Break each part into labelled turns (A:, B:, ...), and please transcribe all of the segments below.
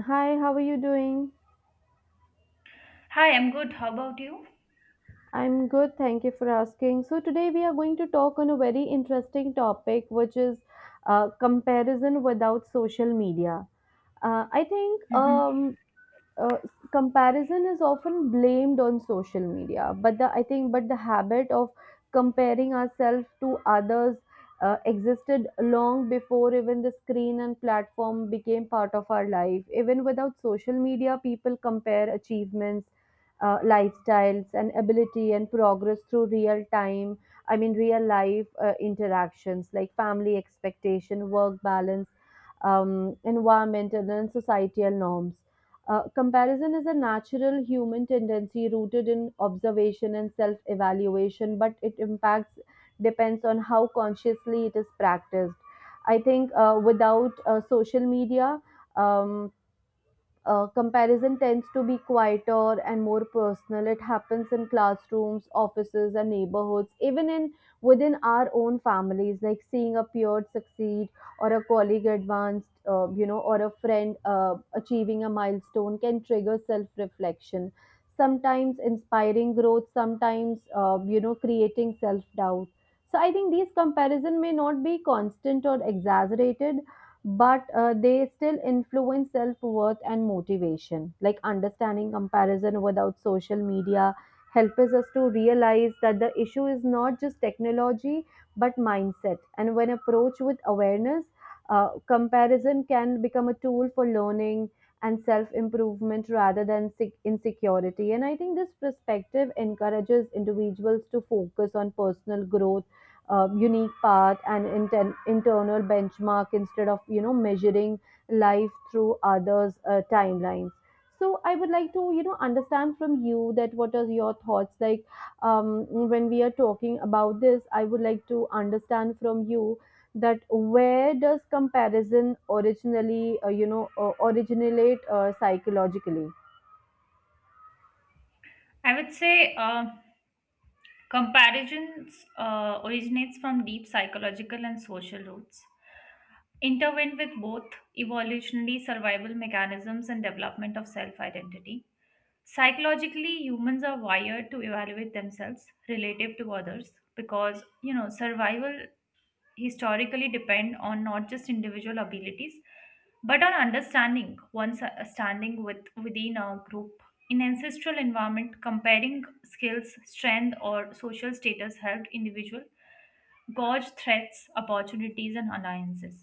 A: Hi, how are you doing?
B: Hi, I'm good. How about you?
A: I'm good, thank you for asking. So, today we are going to talk on a very interesting topic, which is comparison without social media. I think
B: Mhm.
A: uh, comparison is often blamed on social media but the I think but the habit of comparing ourselves to others existed long before even the screen and platform became part of our life. Even without social media, people compare achievements, lifestyles and ability and progress through real time I mean real life interactions like family expectation, work balance, environmental and societal norms. Uh, Comparison is a natural human tendency rooted in observation and self evaluation, but it impacts depends on how consciously it is practiced. I think without social media, um, comparison tends to be quieter and more personal. It happens in classrooms, offices, and neighborhoods, even in within our own families, like seeing a peer succeed, or a colleague advanced, or a friend achieving a milestone can trigger self-reflection, sometimes inspiring growth, sometimes creating self-doubt. So I think these comparison may not be constant or exaggerated, but they still influence self-worth and motivation. Like, understanding comparison without social media helps us to realize that the issue is not just technology but mindset, and when approached with awareness, comparison can become a tool for learning and self-improvement rather than insecurity. And I think this perspective encourages individuals to focus on personal growth, unique path and internal benchmark instead of, you know, measuring life through others' timelines. So I would like to, you know, understand from you that what are your thoughts, like um, when we are talking about this, I would like to understand from you that where does comparison originally originate, psychologically?
B: I would say comparisons originates from deep psychological and social roots, intertwined with both evolutionary survival mechanisms and development of self-identity. Psychologically, humans are wired to evaluate themselves relative to others because you know survival historically depend on not just individual abilities but on understanding one's standing with within a group in ancestral environment comparing skills strength or social status helped individual gauge threats opportunities and alliances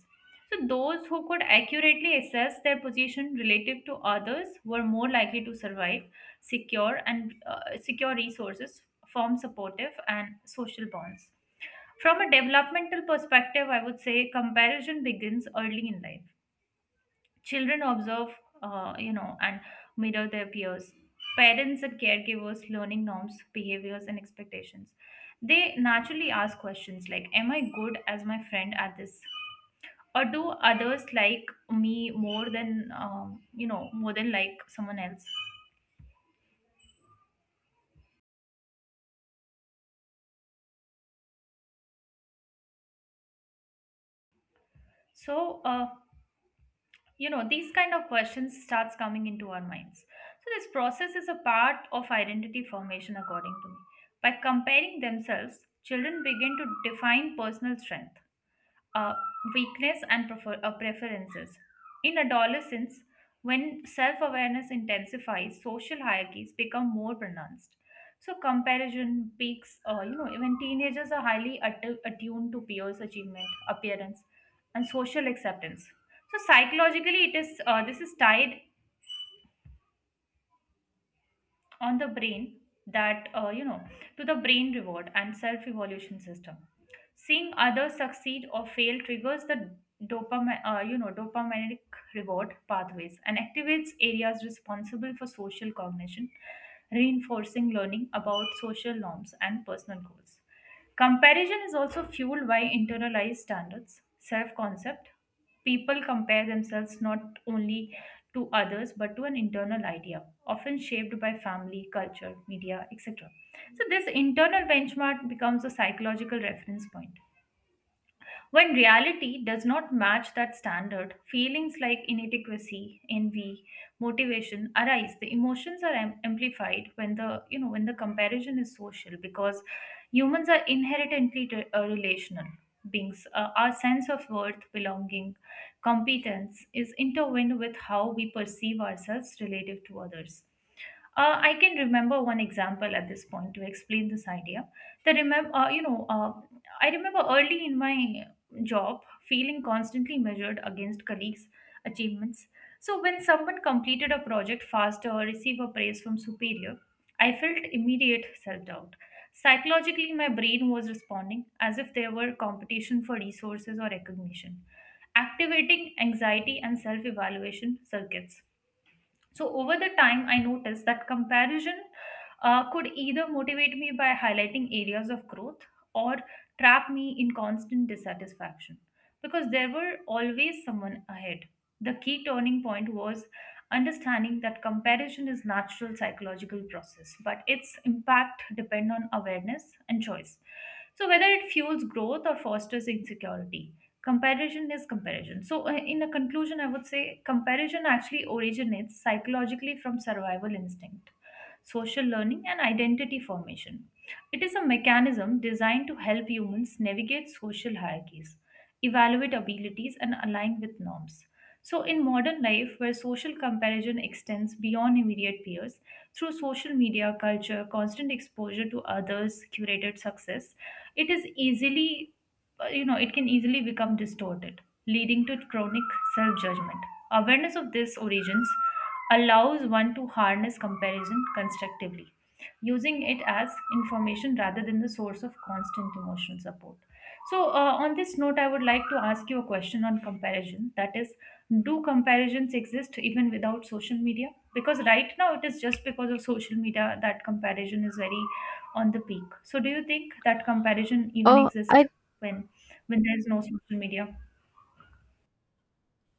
B: so those who could accurately assess their position relative to others were more likely to survive secure and secure resources form supportive and social bonds from a developmental perspective, I would say comparison begins early in life. Children observe, and mirror their peers, parents and caregivers, learning norms, behaviors, and expectations. They naturally ask questions like, am I good as my friend at this? Or do others like me more than, more than like someone else? So these kind of questions starts coming into our minds so this process is a part of identity formation according to me by comparing themselves children begin to define personal strength uh, weakness and preferences. In adolescence, when self awareness intensifies, social hierarchies become more pronounced. So, comparison peaks, even teenagers are highly attuned to peers' achievement, appearance, and social acceptance. So, psychologically, it is this is tied on the brain that you know to the brain reward and self evolution system seeing others succeed or fail triggers the dopamine dopaminergic reward pathways and activates areas responsible for social cognition reinforcing learning about social norms and personal goals. Comparison is also fueled by internalized standards, self concept. People compare themselves not only to others but to an internal idea, often shaped by family, culture, media, etc. So, this internal benchmark becomes a psychological reference point. When reality does not match that standard, feelings like inadequacy, envy, motivation arise. The emotions are amplified when the you know when the comparison is social because humans are inherently relational beings. Our sense of worth, belonging, competence is intertwined with how we perceive ourselves relative to others. I can remember one example at this point to explain this idea. That remember, you know, I remember early in my job feeling constantly measured against colleagues' achievements. So when someone completed a project faster or received a praise from superior, I felt immediate self-doubt. Psychologically, my brain was responding as if there were competition for resources or recognition, activating anxiety and self-evaluation circuits. So over the time, I noticed that comparison could either motivate me by highlighting areas of growth or trap me in constant dissatisfaction because there were always someone ahead. The key turning point was understanding that comparison is natural psychological process, but its impact depend on awareness and choice. So whether it fuels growth or fosters insecurity, comparison is comparison. In a conclusion, I would say comparison actually originates psychologically from survival instinct, social learning, and identity formation. It is a mechanism designed to help humans navigate social hierarchies, evaluate abilities, and align with norms. So, in modern life, where social comparison extends beyond immediate peers, through social media culture, constant exposure to others' curated success, it is easily it can easily become distorted leading to chronic self judgment awareness of these origins allows one to harness comparison constructively using it as information rather than the source of constant emotional support. So, on this note, I would like to ask you a question on comparison. That is, do comparisons exist even without social media? Because right now it is just because of social media that comparison is very on the peak. So, do you think that comparison even exists
A: I
B: when when there is no social media?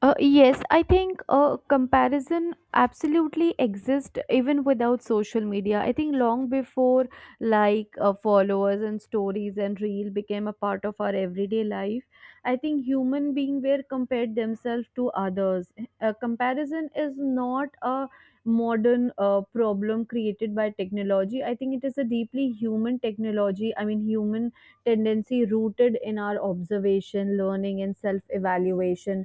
A: Yes, I think comparison absolutely exists even without social media. I think long before, like, followers and stories and reel became a part of our everyday life, I think human being were compared themselves to others. Comparison is not a modern problem created by technology. I think it is a deeply human technology. I mean, human tendency rooted in our observation, learning, and self evaluation.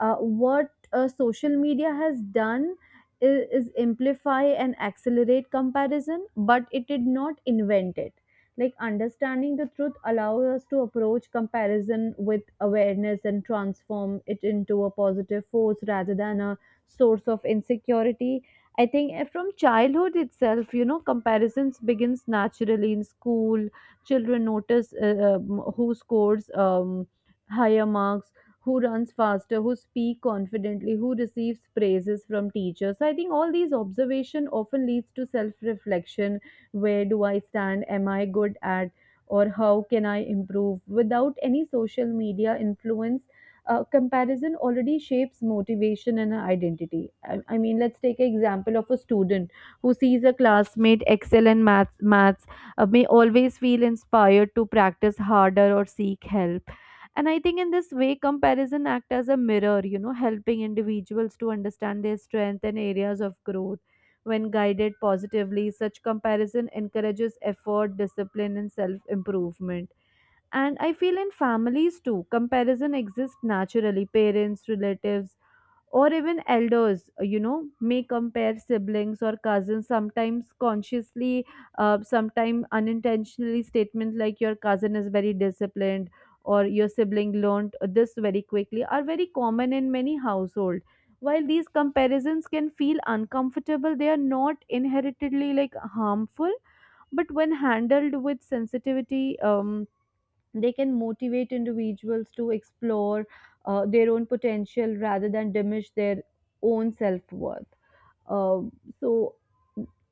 A: What social media has done is amplify and accelerate comparison, but it did not invent it. Like, understanding the truth allows us to approach comparison with awareness and transform it into a positive force rather than a source of insecurity. I think from childhood itself, you know, comparisons begins naturally in school. Children notice who scores higher marks, who runs faster, who speak confidently, who receives praises from teachers. So I think all these observation often leads to self-reflection. Where do I stand? Am I good at? Or how can I improve? Without any social media influence, comparison already shapes motivation and identity. I mean, let's take an example of a student who sees a classmate excel in maths may always feel inspired to practice harder or seek help. And I think in this way, comparison act as a mirror, you know, helping individuals to understand their strength and areas of growth. When guided positively, such comparison encourages effort, discipline, and self improvement. And I feel in families too, comparison exists naturally. Parents, relatives, or even elders, you know, may compare siblings or cousins, sometimes consciously, sometimes unintentionally. Statements like your cousin is very disciplined or your sibling learned this very quickly are very common in many households. While these comparisons can feel uncomfortable, they are not inherently, like, harmful, but when handled with sensitivity, um, they can motivate individuals to explore their own potential rather than diminish their own self worth. Um so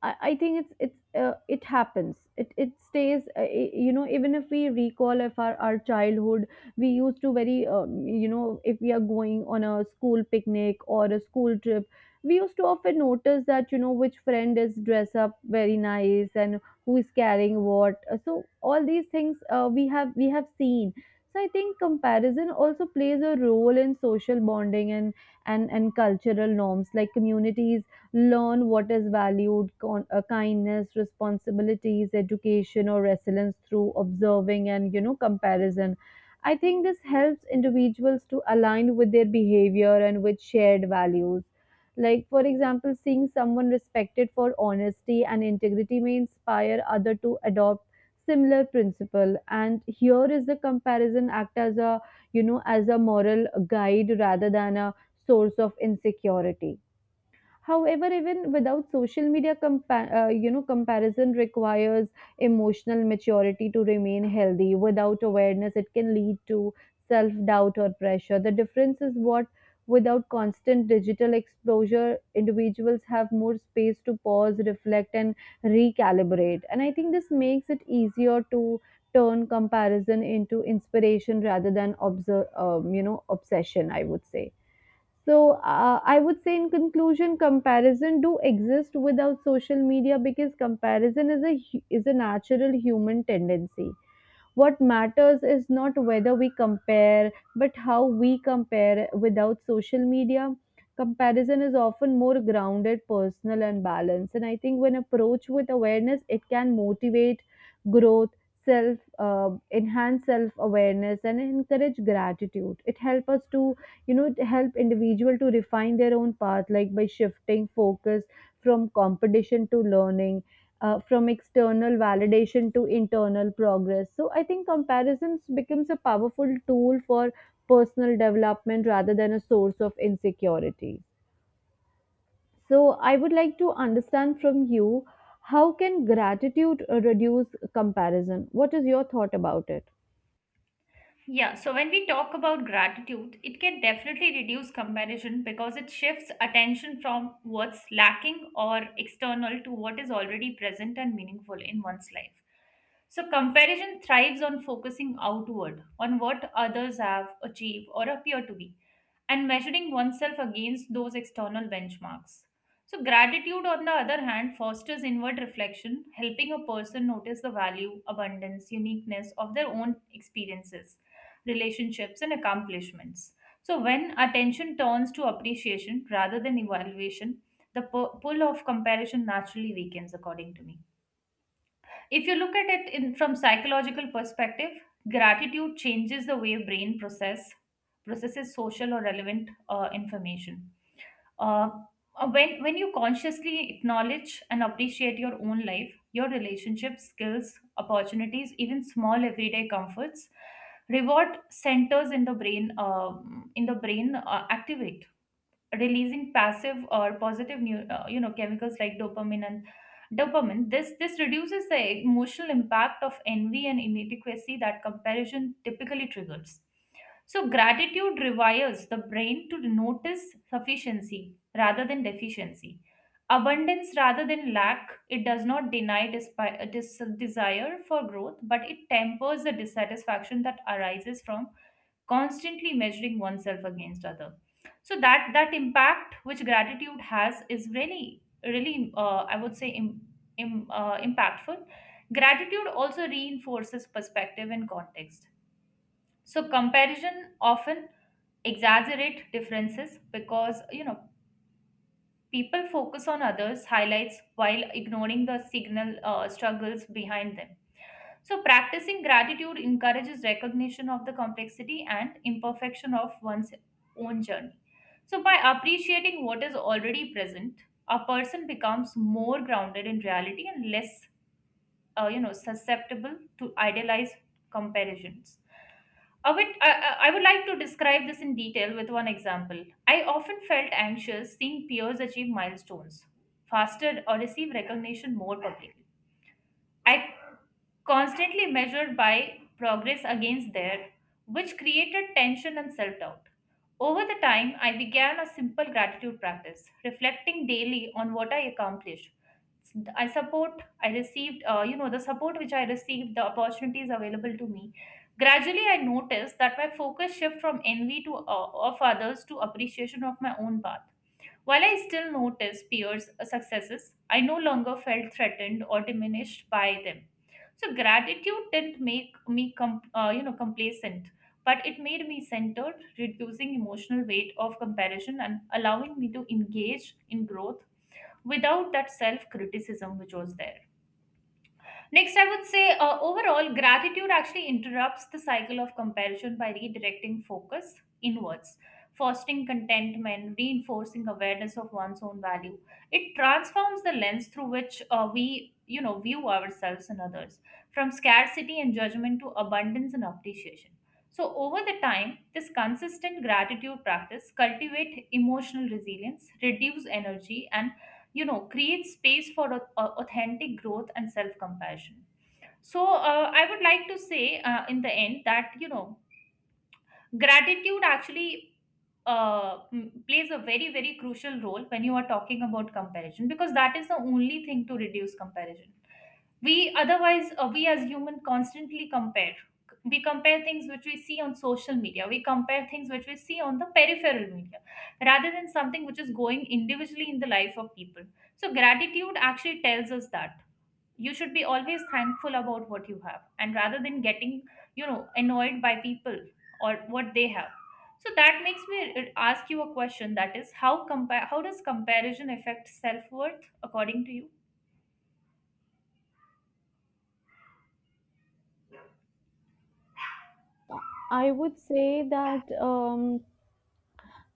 A: I, I think it happens. It stays. You know, even if we recall if our childhood, we used to very you know, if we are going on a school picnic or a school trip, we used to often notice that, you know, which friend is dressed up very nice and who is carrying what. So all these things we have seen. So I think comparison also plays a role in social bonding and cultural norms. Like, communities learn what is valued: kindness, responsibilities, education or resilience through observing and, you know, comparison. I think this helps individuals to align with their behavior and with shared values. Like, for example, seeing someone respected for honesty and integrity may inspire other to adopt similar principle, and here is the comparison act as a, you know, as a moral guide rather than a source of insecurity. However, even without social media, you know, comparison requires emotional maturity to remain healthy. Without awareness, it can lead to self doubt or pressure. The difference is what, without constant digital exposure, individuals have more space to pause, reflect, and recalibrate. And I think this makes it easier to turn comparison into inspiration rather than you know, obsession, I would say. So I would say in conclusion, comparison do exist without social media because comparison is a is a natural human tendency. What matters is not whether we compare, but how we compare. Without social media, comparison is often more grounded, personal, and balanced. And I think when approached with awareness, it can motivate growth, self, uh, enhance self awareness, and encourage gratitude. It helps us to, you know, to help individual to refine their own path, like by shifting focus from competition to learning, from external validation to internal progress. So I think comparisons becomes a powerful tool for personal development rather than a source of insecurity. So I would like to understand from you, how can gratitude reduce comparison? What is your thought about it?
B: Yeah, so when we talk about gratitude, it can definitely reduce comparison because it shifts attention from what's lacking or external to what is already present and meaningful in one's life. So, comparison thrives on focusing outward, on what others have achieved or appear to be, and measuring oneself against those external benchmarks. So, gratitude, on the other hand, fosters inward reflection, helping a person notice the value, abundance, uniqueness of their own experiences relationships, and accomplishments. So, when attention turns to appreciation rather than evaluation, the pull of comparison naturally weakens, according to me. If you look at it in, from psychological perspective, gratitude changes the way brain processes social or relevant information. uh, when you consciously acknowledge and appreciate your own life, your relationships, skills, opportunities, even small everyday comforts, reward centers in the brain activate releasing passive or positive new, chemicals like dopamine and dopamine. This reduces the emotional impact of envy and inadequacy that comparison typically triggers so gratitude rewires the brain to notice sufficiency rather than deficiency abundance rather than lack. It does not deny desire for growth but it tempers the dissatisfaction that arises from constantly measuring oneself against other. So that impact which gratitude has is really really I would say impactful. Gratitude also reinforces perspective and context so comparison often exaggerate differences because you know people focus on others highlights while ignoring the signal struggles behind them. So, practicing gratitude encourages recognition of the complexity and imperfection of one's own journey. So, by appreciating what is already present, a person becomes more grounded in reality and less, susceptible to idealized comparisons. I I would like to describe this in detail with one example. I often felt anxious seeing peers achieve milestones faster or receive recognition more publicly. I constantly measured by progress against there, which created tension and self doubt. Over the time, I began a simple gratitude practice, reflecting daily on what I accomplished. I received, the support which I received, the opportunities available to me. Gradually, I noticed that my focus shift from envy to of others to appreciation of my own path. While I still noticed peers' successes, I no longer felt threatened or diminished by them. So gratitude didn't make me complacent, but it made me centered, reducing emotional weight of comparison and allowing me to engage in growth without that self-criticism which was there. Next, I would say overall, gratitude actually interrupts the cycle of comparison by redirecting focus inwards, fostering contentment, reinforcing awareness of one's own value. It transforms the lens through which view ourselves and others, from scarcity and judgment to abundance and appreciation. So, over the time, this consistent gratitude practice cultivate emotional resilience, reduce energy and you know create space for authentic growth and self compassion. So I would like to say in the end that you know gratitude actually plays a very very crucial role when you are talking about comparison because that is the only thing to reduce comparison. We otherwise uh, we as human constantly compare. We compare things which we see on social media. We compare things which we see on the peripheral media rather than something which is going individually in the life of people. So gratitude actually tells us that you should be always thankful about what you have and rather than getting you know annoyed by people or what they have. So that makes me ask you a question that is how does comparison affect self worth according to you?
A: I would say that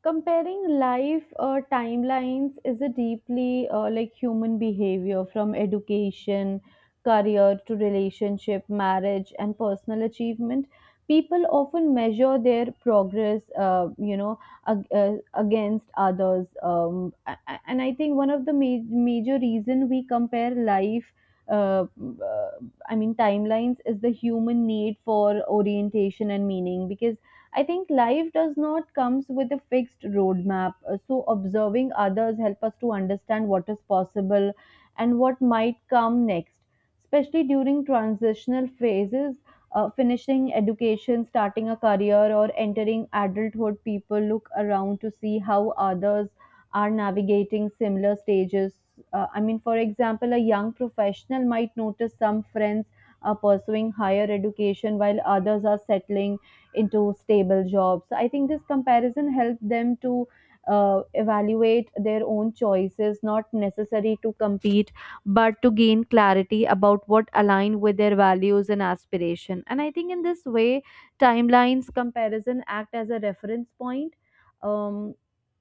A: comparing life timelines is a deeply like human behavior, from education, career to relationship, marriage, and personal achievement. People often measure their progress, you know, against others. And I think one of the major reason we compare life, uh, uh, I mean, timelines is the human need for orientation and meaning, because I think life does not comes with a fixed roadmap. So observing others help us to understand what is possible and what might come next, especially during transitional phases. Finishing education, starting a career, or entering adulthood, people look around to see how others are navigating similar stages. I mean, for example, a young professional might notice some friends are pursuing higher education while others are settling into stable jobs. So I think this comparison helped them to evaluate their own choices, not necessary to compete, but to gain clarity about what align with their values and aspiration. And I think in this way, timelines comparison act as a reference point. Um,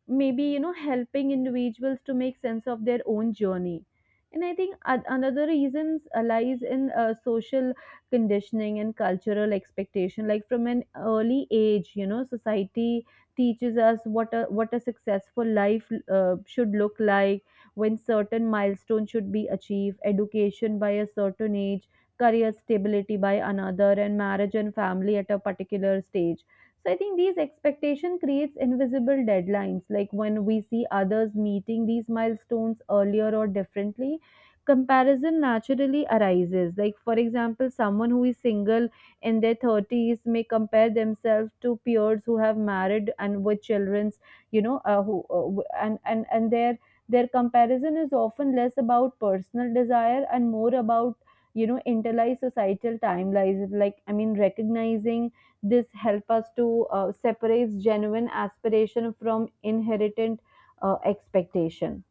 A: Maybe, you know, helping individuals to make sense of their own journey. And I think another reasons lies in social conditioning and cultural expectation. Like, from an early age, you know, society teaches us what a successful life should look like, when certain milestones should be achieved: education by a certain age, career stability by another, and marriage and family at a particular stage. So I think these expectation creates invisible deadlines. Like, when we see others meeting these milestones earlier or differently, comparison naturally arises. Like, for example, someone who is single in their 30s may compare themselves to peers who have married and with children's, you know, who w- and their comparison is often less about personal desire and more about, you know, internalized societal timelines. Like, I mean, recognizing this help us to separate genuine aspiration from inherent expectation.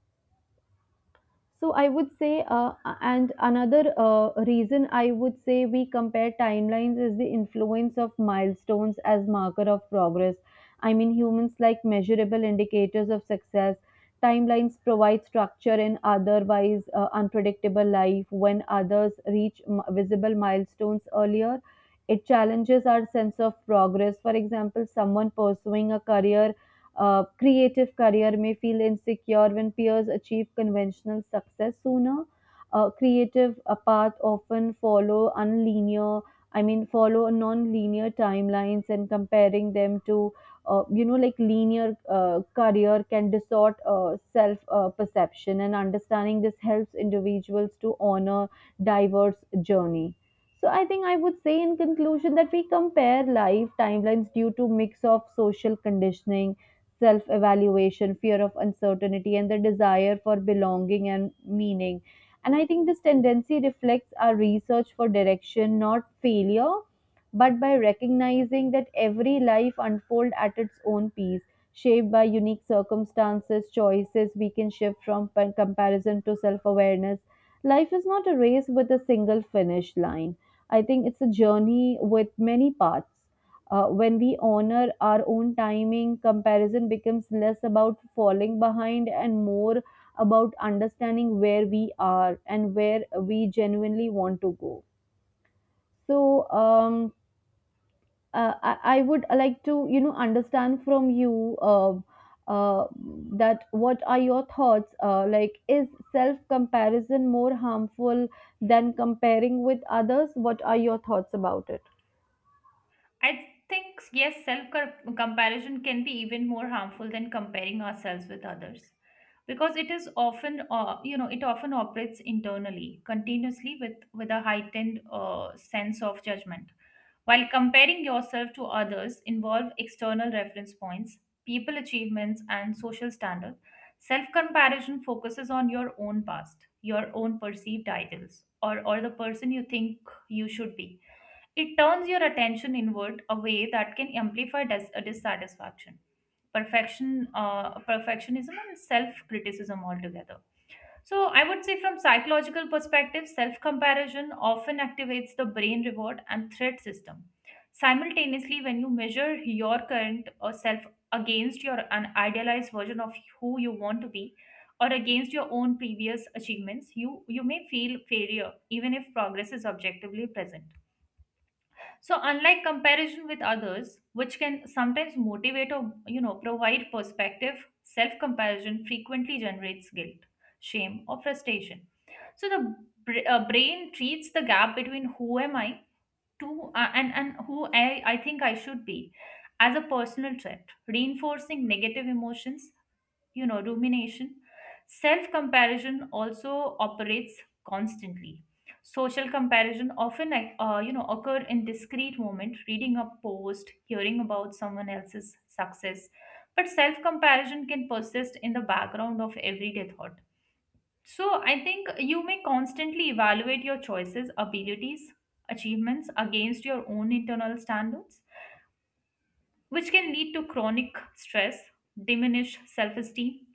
A: So I would say, and another reason I would say we compare timelines is the influence of milestones as marker of progress. I mean, humans like measurable indicators of success. Timelines provide structure in otherwise unpredictable life. When others reach visible milestones earlier, it challenges our sense of progress. For example, someone pursuing a career, creative career, may feel insecure when peers achieve conventional success sooner. Creative path often follow follow non-linear timelines, and comparing them to, you know, like, linear career can distort self perception. And understanding this helps individuals to honor diverse journey. So I think I would say in conclusion that we compare life timelines due to mix of social conditioning, self evaluation, fear of uncertainty, and the desire for belonging and meaning. And I think this tendency reflects our research for direction, not failure, but by recognizing that every life unfolds at its own pace, shaped by unique circumstances, choices we can shift from comparison to self awareness. Life is not a race with a single finish line. I think it's a journey with many paths. When we honor our own timing, comparison becomes less about falling behind and more about understanding where we are and where we genuinely want to go. So I would like to, understand from you uh, that what are your thoughts? Like, is self comparison more harmful than comparing with others? What are your thoughts about it?
B: I think, yes, self comparison can be even more harmful than comparing ourselves with others because it is often, it often operates internally, continuously with a heightened sense of judgment. While comparing yourself to others involve external reference points, people achievements, and social standards, self comparison focuses on your own past, your own perceived ideals, or the person you think you should be. It turns your attention inward a way that can amplify dis- a dissatisfaction, perfectionism, and self-criticism altogether. So I would say, from psychological perspective, self-comparison often activates the brain reward and threat system. Simultaneously, when you measure your current or self against your an idealized version of who you want to be, or against your own previous achievements, you may feel failure even if progress is objectively present. So unlike comparison with others, which can sometimes motivate or you know provide perspective, self-comparison frequently generates guilt, shame, or frustration. So the brain treats the gap between who am I to and who I think I should be as a personal threat, reinforcing negative emotions you know rumination. Self comparison also operates constantly. Social comparison often like, occur in discrete moment reading a post hearing about someone else's success but self comparison can persist in the background of everyday thought. So I think you may constantly evaluate your choices abilities achievements against your own internal standards which can lead to chronic stress diminished self esteem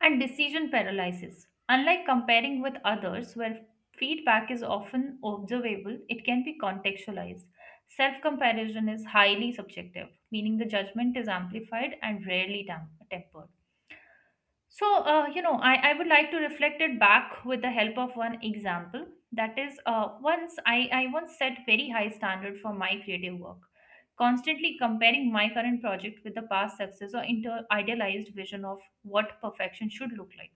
B: and decision paralysis. Unlike comparing with others, where feedback is often observable, it can be contextualized. Self comparison is highly subjective, meaning the judgment is amplified and rarely tempered. So, I would like to reflect it back with the help of one example. That is, I once set very high standard for my creative work, constantly comparing my current project with the past success or idealized vision of what perfection should look like.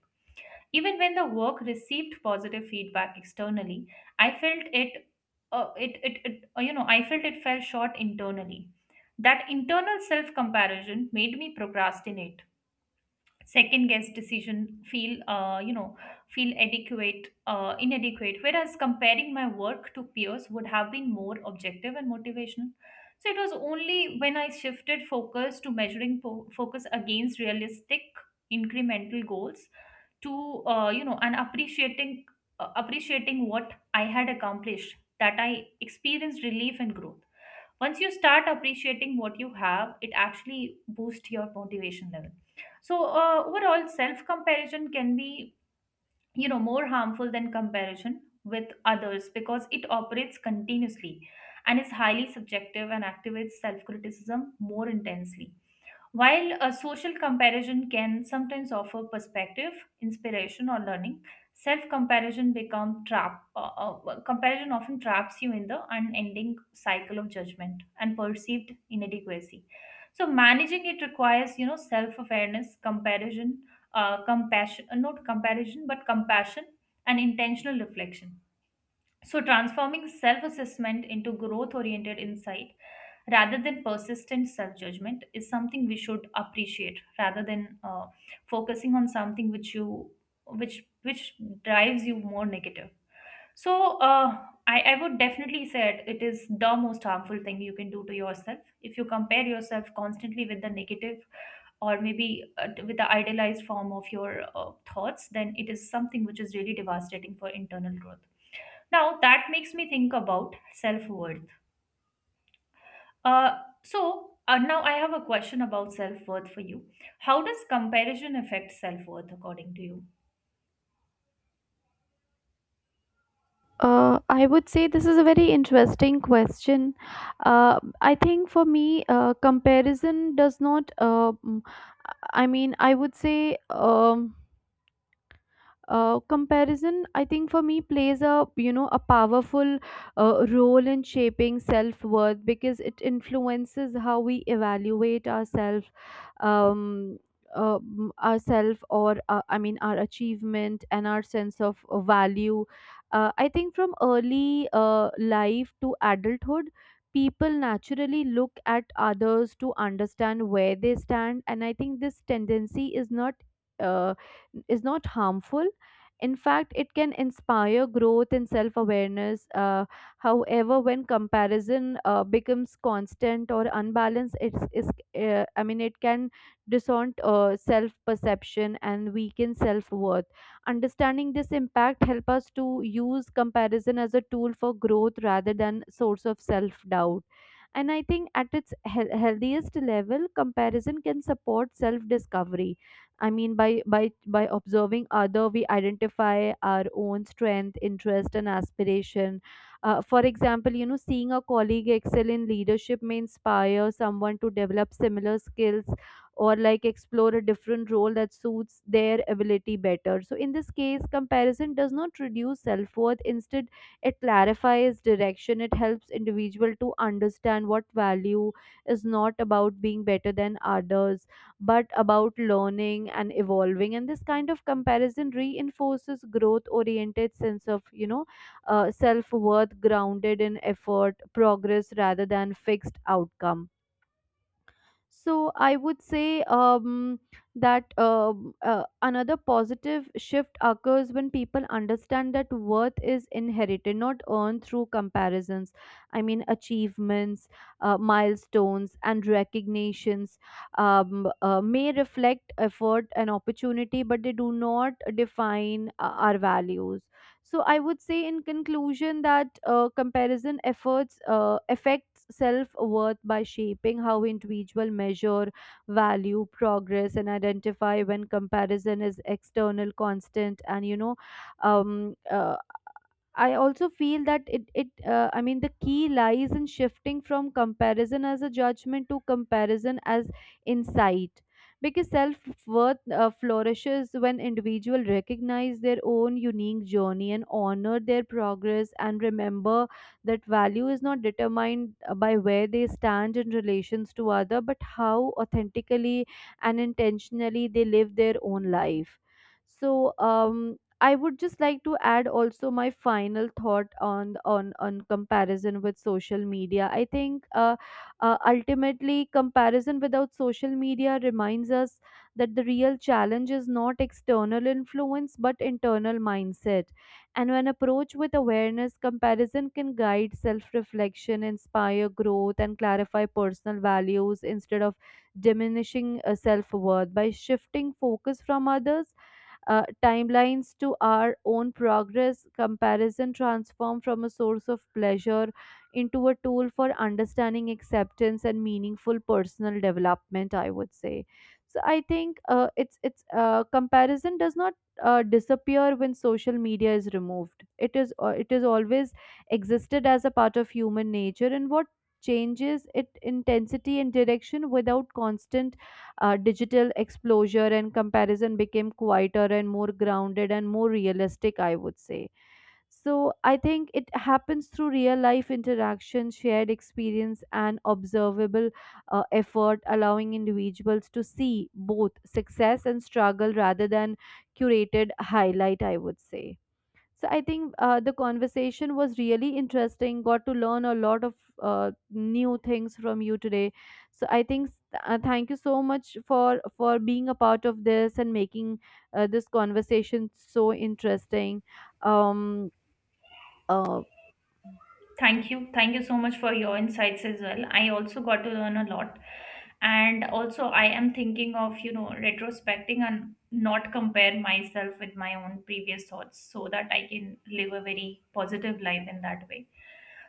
B: Even when the work received positive feedback externally, I felt I felt it fell short internally. That internal self comparison made me procrastinate, second guess decision, feel, you know, feel adequate, inadequate. Whereas comparing my work to peers would have been more objective and motivational. So it was only when I shifted focus to measuring focus against realistic incremental goals to and appreciating appreciating what I had accomplished that I experienced relief and growth. Once you start appreciating what you have it actually boosts your motivation level. So overall self comparison can be you know more harmful than comparison with others because it operates continuously and is highly subjective and activates self criticism more intensely. While a social comparison can sometimes offer perspective, inspiration, or learning, self-comparison become trap. Comparison often traps you in the unending cycle of judgment and perceived inadequacy. So managing it requires, you know, self-awareness, compassion, not comparison, but compassion and intentional reflection. So, transforming self assessment into growth oriented insight rather than persistent self judgment is something we should appreciate rather than focusing on something which drives you more negative. So I would definitely say it is the most harmful thing you can do to yourself if you compare yourself constantly with the negative or maybe with the idealized form of your thoughts then it is something which is really devastating for internal growth. Now that makes me think about self worth. Now I have a question about self worth for you. How does comparison affect self worth according to you?
A: I would say this is a very interesting question. I think for me, comparison does not. I would say. Comparison, I think for me, plays a, a powerful role in shaping self worth because it influences how we evaluate ourselves, um ourself, or I mean our achievement and our sense of value. I think from early life to adulthood, people naturally look at others to understand where they stand, and I think this tendency uh, is not harmful. In fact, it can inspire growth and self awareness. However, when comparison becomes constant or unbalanced, it can distort self perception and weaken self worth. Understanding this impact help us to use comparison as a tool for growth rather than source of self doubt. And I think at its healthiest level, comparison can support self discovery. I mean, by observing other, we identify our own strength, interest, and aspiration. For example, you know, seeing a colleague excel in leadership may inspire someone to develop similar skills or like explore a different role that suits their ability better. So, in this case, comparison does not reduce self worth. Instead, it clarifies direction. It helps individual to understand what value is not about being better than others but about learning and evolving, and this kind of comparison reinforces growth oriented sense of, you know, self worth grounded in effort progress rather than fixed outcome. So I would say, that another positive shift occurs when people understand that worth is inherited, not earned through comparisons. I mean, achievements, milestones, and recognitions may reflect effort and opportunity, but they do not define our values. So I would say in conclusion that comparison efforts affects self-worth by shaping how individual measure value progress and identify when comparison is external constant and, um, uh, I also feel that the key lies in shifting from comparison as a judgment to comparison as insight. Because self worth flourishes when individuals recognize their own unique journey and honor their progress and remember that value is not determined by where they stand in relations to other, but how authentically and intentionally they live their own life. so um I would just like to add also my final thought on comparison with social media. I think ultimately comparison without social media reminds us that the real challenge is not external influence but internal mindset. And when approached with awareness, comparison can guide self-reflection, inspire growth, and clarify personal values instead of diminishing self-worth. By shifting focus from others timelines to our own progress, comparison transformed from a source of pleasure into a tool for understanding acceptance and meaningful personal development, I would say. So I think it's comparison does not disappear when social media is removed. It is, it is always existed as a part of human nature, and what changes it intensity and direction without constant digital exposure, and comparison became quieter and more grounded and more realistic, I would say. So I think it happens through real life interaction, shared experience, and observable effort, allowing individuals to see both success and struggle rather than curated highlight, I would say. So I think the conversation was really interesting. Got to learn a lot of new things from you today. So I think thank you so much for being a part of this and making this conversation so interesting. Um, uh,
B: Thank you. Thank you so much for your insights as well. I also got to learn a lot. And also, I am thinking of, you know, retrospecting and not compare myself with my own previous thoughts so that I can live a very positive life in that way.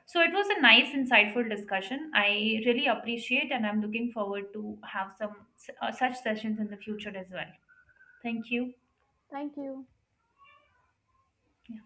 B: So it was a nice, insightful discussion. I really appreciate, and I'm looking forward to have some such sessions in the future as well. Thank you.
A: Thank you.
B: Yeah.